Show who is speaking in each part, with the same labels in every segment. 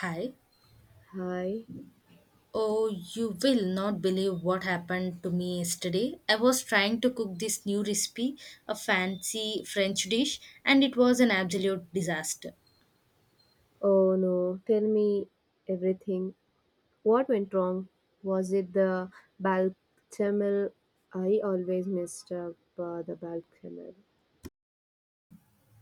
Speaker 1: Hi.
Speaker 2: Hi.
Speaker 1: Oh, you will not believe what happened to me yesterday. I was trying to cook this new recipe, a fancy French dish, and it was an absolute disaster.
Speaker 2: Oh no, tell me everything. What went wrong? Was it the balchamel? I always messed up the balchamel.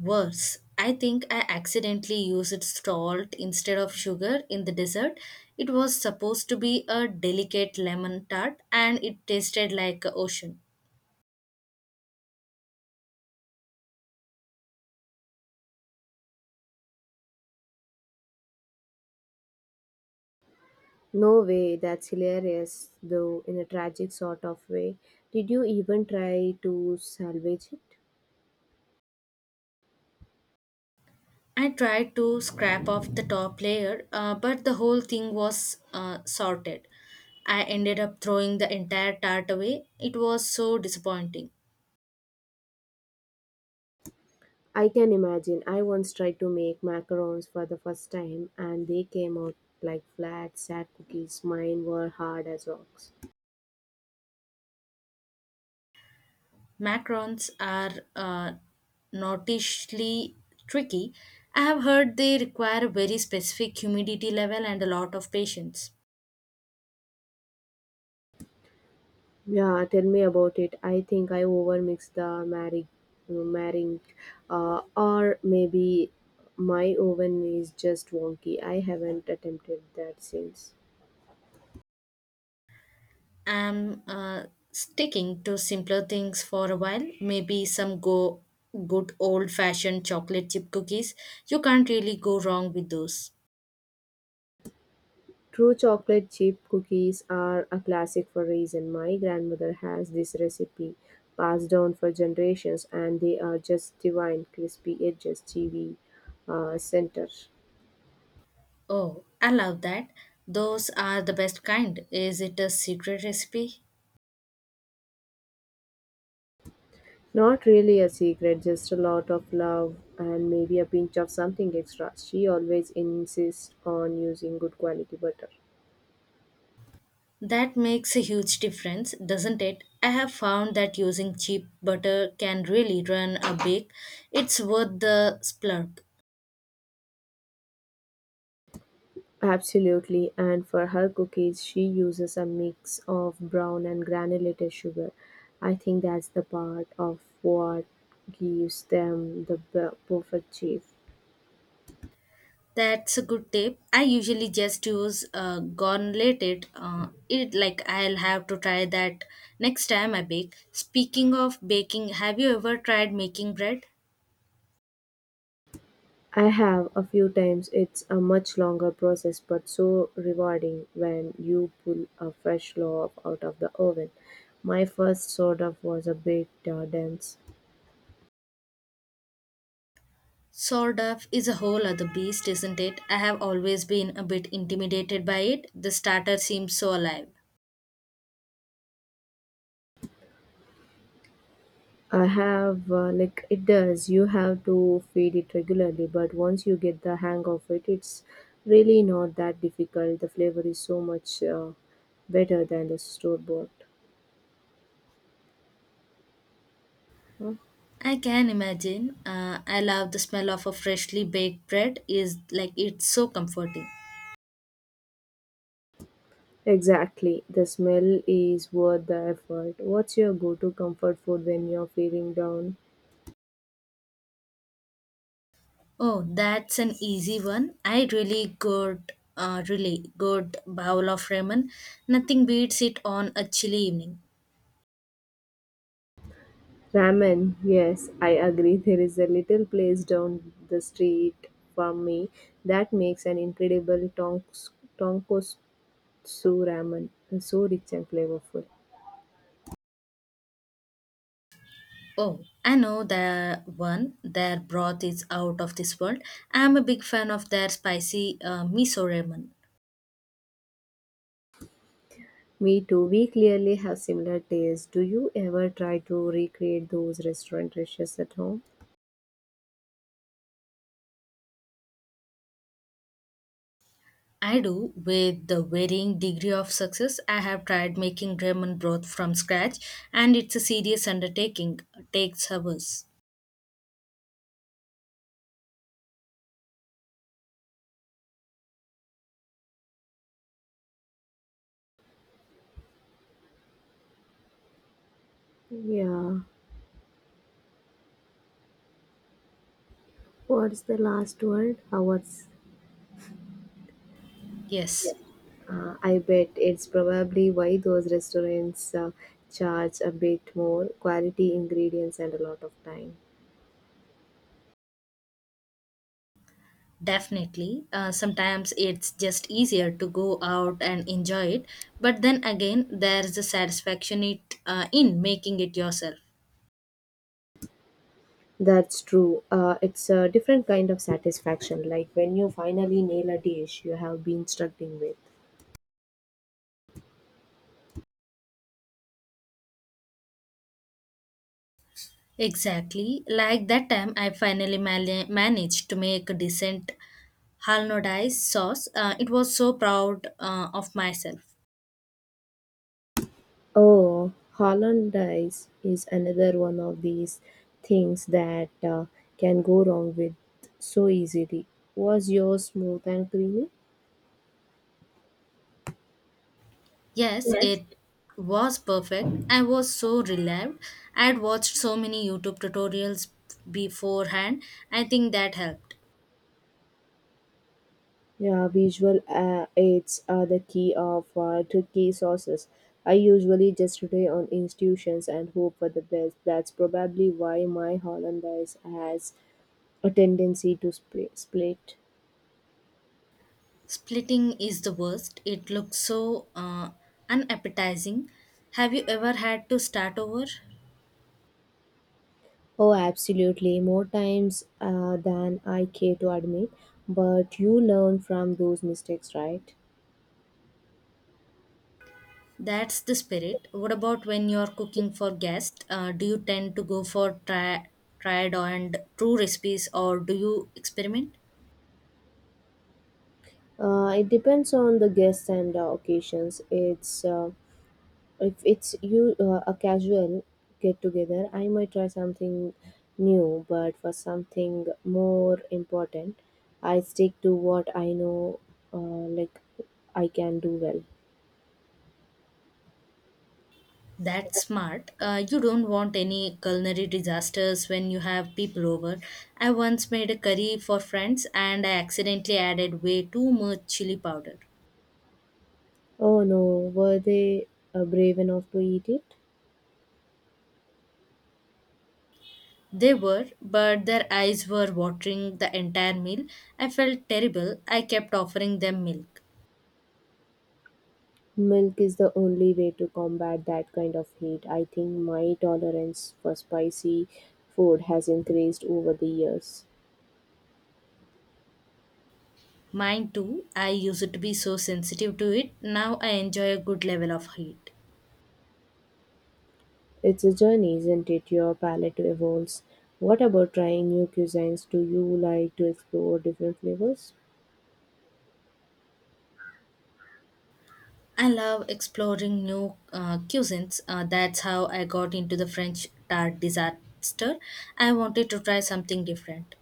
Speaker 1: Worse, I think I accidentally used salt instead of sugar in the dessert. It was supposed to be a delicate lemon tart, and it tasted like an ocean.
Speaker 2: No way, that's hilarious, though in a tragic sort of way. Did you even try to salvage it?
Speaker 1: I tried to scrap off the top layer, but the whole thing was sorted. I ended up throwing the entire tart away. It was so disappointing.
Speaker 2: I can imagine. I once tried to make macarons for the first time and they came out like flat, sad cookies. Mine were hard as rocks.
Speaker 1: Macarons are uh, notoriously tricky. I have heard they require a very specific humidity level and a lot of patience.
Speaker 2: Yeah, tell me about it. I think I overmixed the marrying, or maybe my oven is just wonky. I haven't attempted that since.
Speaker 1: I'm sticking to simpler things for a while. Maybe some go good old fashioned chocolate chip cookies. You can't really go wrong with those.
Speaker 2: True, chocolate chip cookies are a classic for reason. My grandmother has this recipe passed down for generations, and they are just divine, crispy edges, chewy center.
Speaker 1: Oh, I love that. Those are the best kind. Is it a secret recipe?
Speaker 2: Not really a secret, just a lot of love and maybe a pinch of something extra. She always insists on using good quality butter.
Speaker 1: That makes a huge difference, doesn't it? I have found that using cheap butter can really run a bake. It's worth the splurge.
Speaker 2: Absolutely, and for her cookies, she uses a mix of brown and granulated sugar. I think that's the part of what gives them the perfect shape.
Speaker 1: That's a good tip. I usually just use gauntleted. It like I'll have to try that next time I bake. Speaking of baking, have you ever tried making bread?
Speaker 2: I have a few times. It's a much longer process, but so rewarding when you pull a fresh loaf out of the oven. My first sort of was a bit dense.
Speaker 1: Sort of is a whole other beast, isn't it? I have always been a bit intimidated by it. The starter seems so alive.
Speaker 2: I have, like, it does. You have to feed it regularly, but once you get the hang of it, it's really not that difficult. The flavor is so much better than the store bought.
Speaker 1: I can imagine. I love the smell of a freshly baked bread. Is like it's so comforting.
Speaker 2: Exactly. The smell is worth the effort. What's your go to comfort food when you're feeling down?
Speaker 1: Oh, that's an easy one. I really good, really good bowl of ramen. Nothing beats it on a chilly evening.
Speaker 2: Ramen. Yes, I agree. There is a little place down the street from me that makes an incredible tonkotsu ramen. It's so rich and flavorful.
Speaker 1: Oh, I know the one. Their broth is out of this world. I am a big fan of their spicy miso ramen.
Speaker 2: Me too. We clearly have similar tastes. Do you ever try to recreate those restaurant dishes at home?
Speaker 1: I do, with the varying degree of success. I have tried making ramen broth from scratch, and it's a serious undertaking. It takes hours.
Speaker 2: Yeah. What's the last word? Hours.
Speaker 1: Yes,
Speaker 2: Yes. I bet it's probably why those restaurants charge a bit more, quality ingredients, and a lot of time.
Speaker 1: definitely. Sometimes it's just easier to go out and enjoy it, but then again, there's the satisfaction it in making it yourself.
Speaker 2: That's true. It's a different kind of satisfaction, like when you finally nail a dish you have been struggling with.
Speaker 1: Exactly. Like that time, I finally managed to make a decent Halnodice sauce. It was so proud of myself.
Speaker 2: Oh, hollandaise is another one of these things that can go wrong with so easily. Was yours smooth and creamy?
Speaker 1: Yes, it was perfect. I was so relieved. I had watched so many YouTube tutorials beforehand. I think that helped.
Speaker 2: Yeah, visual aids are the key of to key sources. I usually just rely on institutions and hope for the best. That's probably why my Hollandaise has a tendency to split.
Speaker 1: Splitting is the worst. It looks so unappetizing. Have you ever had to start over?
Speaker 2: Oh, absolutely, more times than I care to admit. But you learn from those mistakes, right?
Speaker 1: That's the spirit. What about when you're cooking for guests? Do you tend to go for tried and true recipes or do you experiment?
Speaker 2: It depends on the guests and occasions. It's If it's you a casual get together, I might try something new, but for something more important, I stick to what I know, like I can do well.
Speaker 1: That's smart. You don't want any culinary disasters when you have people over. I once made a curry for friends and I accidentally added way too much chili powder.
Speaker 2: Oh no, were they brave enough to eat it?
Speaker 1: They were, but their eyes were watering the entire meal. I felt terrible. I kept offering them milk.
Speaker 2: Milk is the only way to combat that kind of heat. I think my tolerance for spicy food has increased over the years.
Speaker 1: Mine too. I used to be so sensitive to it. Now I enjoy a good level of heat.
Speaker 2: It's a journey, isn't it? Your palate evolves. What about trying new cuisines? Do you like to explore different flavors?
Speaker 1: I love exploring new cuisines. That's how I got into the French tart disaster. I wanted to try something different.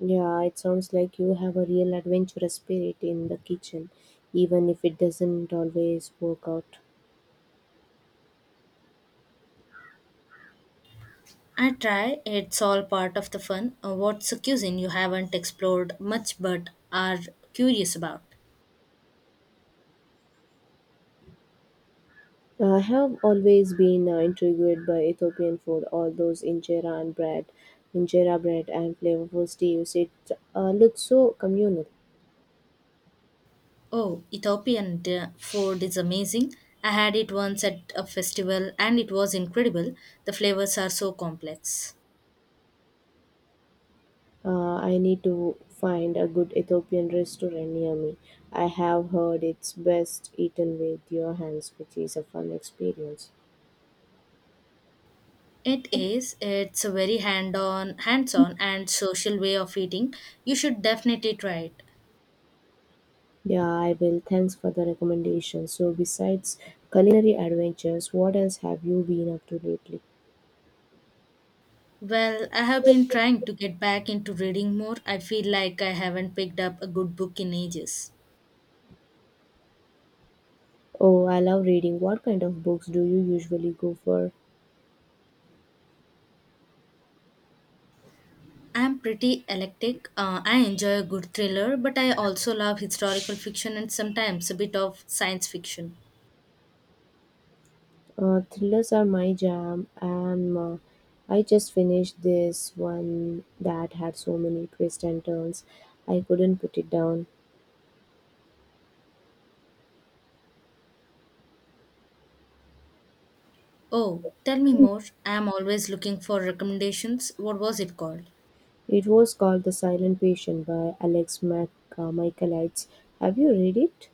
Speaker 2: Yeah, it sounds like you have a real adventurous spirit in the kitchen, even if it doesn't always work out.
Speaker 1: I try, it's all part of the fun. What's a cuisine you haven't explored much but are curious about?
Speaker 2: I have always been intrigued by Ethiopian food, all those injera bread and flavorful stews. It looks so communal.
Speaker 1: Oh, food is amazing. I had it once at a festival and it was incredible. The flavors are so complex.
Speaker 2: I need to find a good Ethiopian restaurant near me. I have heard it's best eaten with your hands, which is a fun experience.
Speaker 1: It is. It's a very hands-on and social way of eating. You should definitely try it.
Speaker 2: Yeah, I will. Thanks for the recommendation. So, besides culinary adventures, what else have you been up to lately?
Speaker 1: Well, I have been trying to get back into reading more. I feel like I haven't picked up a good book in ages.
Speaker 2: Oh, I love reading. What kind of books do you usually go for?
Speaker 1: I'm pretty eclectic. I enjoy a good thriller, but I also love historical fiction and sometimes a bit of science fiction.
Speaker 2: Thrillers are my jam, and I just finished this one that had so many twists and turns. I couldn't put it down.
Speaker 1: Oh, tell me more. I'm always looking for recommendations. What was it called?
Speaker 2: It was called The Silent Patient by Alex Michaelides. Have you read it?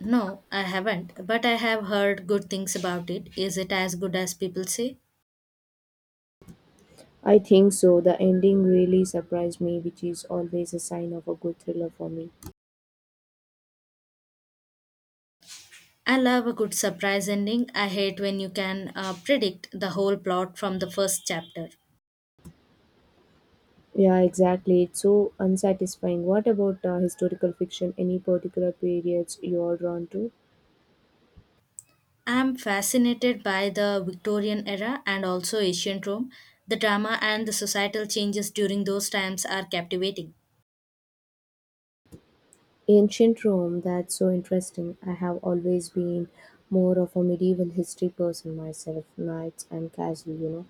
Speaker 1: No, I haven't, but I have heard good things about it. Is it as good as people say?
Speaker 2: I think so. The ending really surprised me, which is always a sign of a good thriller for me.
Speaker 1: I love a good surprise ending. I hate when you can predict the whole plot from the first chapter.
Speaker 2: Yeah, exactly. It's so unsatisfying. What about historical fiction? Any particular periods you're drawn to?
Speaker 1: I'm fascinated by the Victorian era and also ancient Rome. The drama and the societal changes during those times are captivating.
Speaker 2: Ancient Rome, that's so interesting. I have always been more of a medieval history person myself, knights and castle, you know.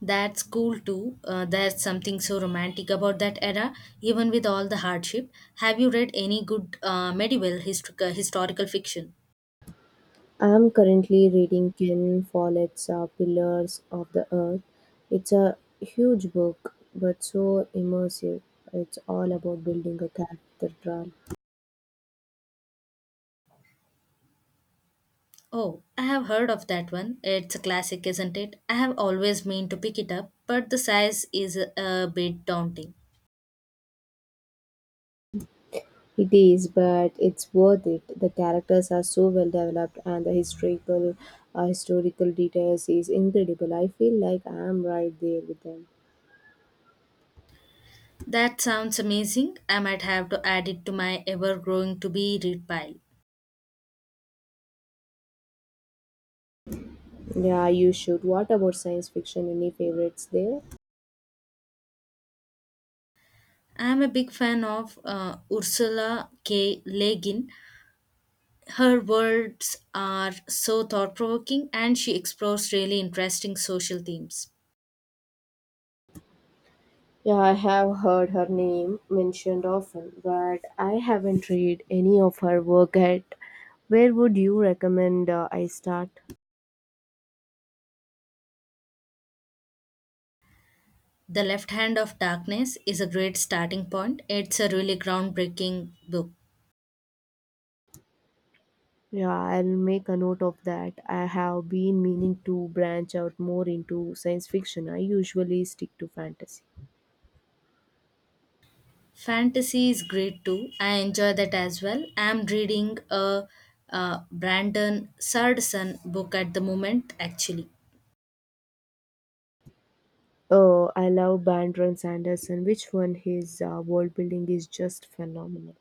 Speaker 1: That's cool too. There's something so romantic about that era, even with all the hardship. Have you read any good historical fiction?
Speaker 2: I am currently reading Ken Follett's Pillars of the Earth. It's a huge book, but so immersive. It's all about building a cathedral.
Speaker 1: Oh, I have heard of that one. It's a classic, isn't it? I have always meant to pick it up, but the size is a bit daunting.
Speaker 2: It is, but it's worth it. The characters are so well developed, and the historical details is incredible. I feel like I am right there with them.
Speaker 1: That sounds amazing. I might have to add it to my ever growing to be read pile.
Speaker 2: Yeah, you should. What about science fiction? Any favorites there?
Speaker 1: I am a big fan of Ursula K. Le Guin. Her words are so thought provoking and she explores really interesting social themes.
Speaker 2: Yeah, I have heard her name mentioned often, but I haven't read any of her work yet. Where would you recommend I start?
Speaker 1: The Left Hand of Darkness is a great starting point. It's a really groundbreaking book.
Speaker 2: Yeah, I'll make a note of that. I have been meaning to branch out more into science fiction. I usually stick to fantasy.
Speaker 1: Fantasy is great too. I enjoy that as well. I'm reading a Brandon Sanderson book at the moment, actually.
Speaker 2: Oh, I love Brandon Sanderson. Which one? His world building is just phenomenal.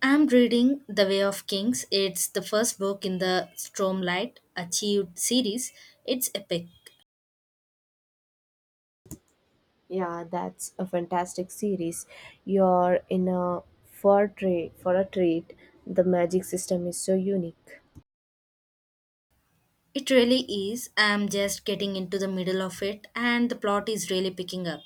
Speaker 1: I'm reading The Way of Kings. It's the first book in the Stormlight Achieved series. It's epic.
Speaker 2: Yeah, that's a fantastic series. You're in a for trade for a treat. The magic system is so unique.
Speaker 1: It really is. I'm just getting into the middle of it, and the plot is really picking up.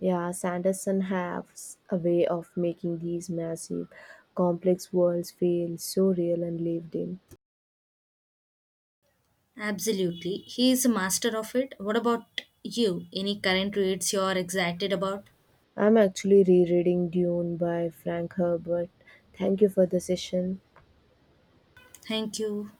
Speaker 2: Yeah, Sanderson has a way of making these massive, complex worlds feel so real and lived in.
Speaker 1: Absolutely. He is a master of it. What about you? Any current reads you're excited about?
Speaker 2: I'm actually rereading Dune by Frank Herbert. Thank you for the session.
Speaker 1: Thank you.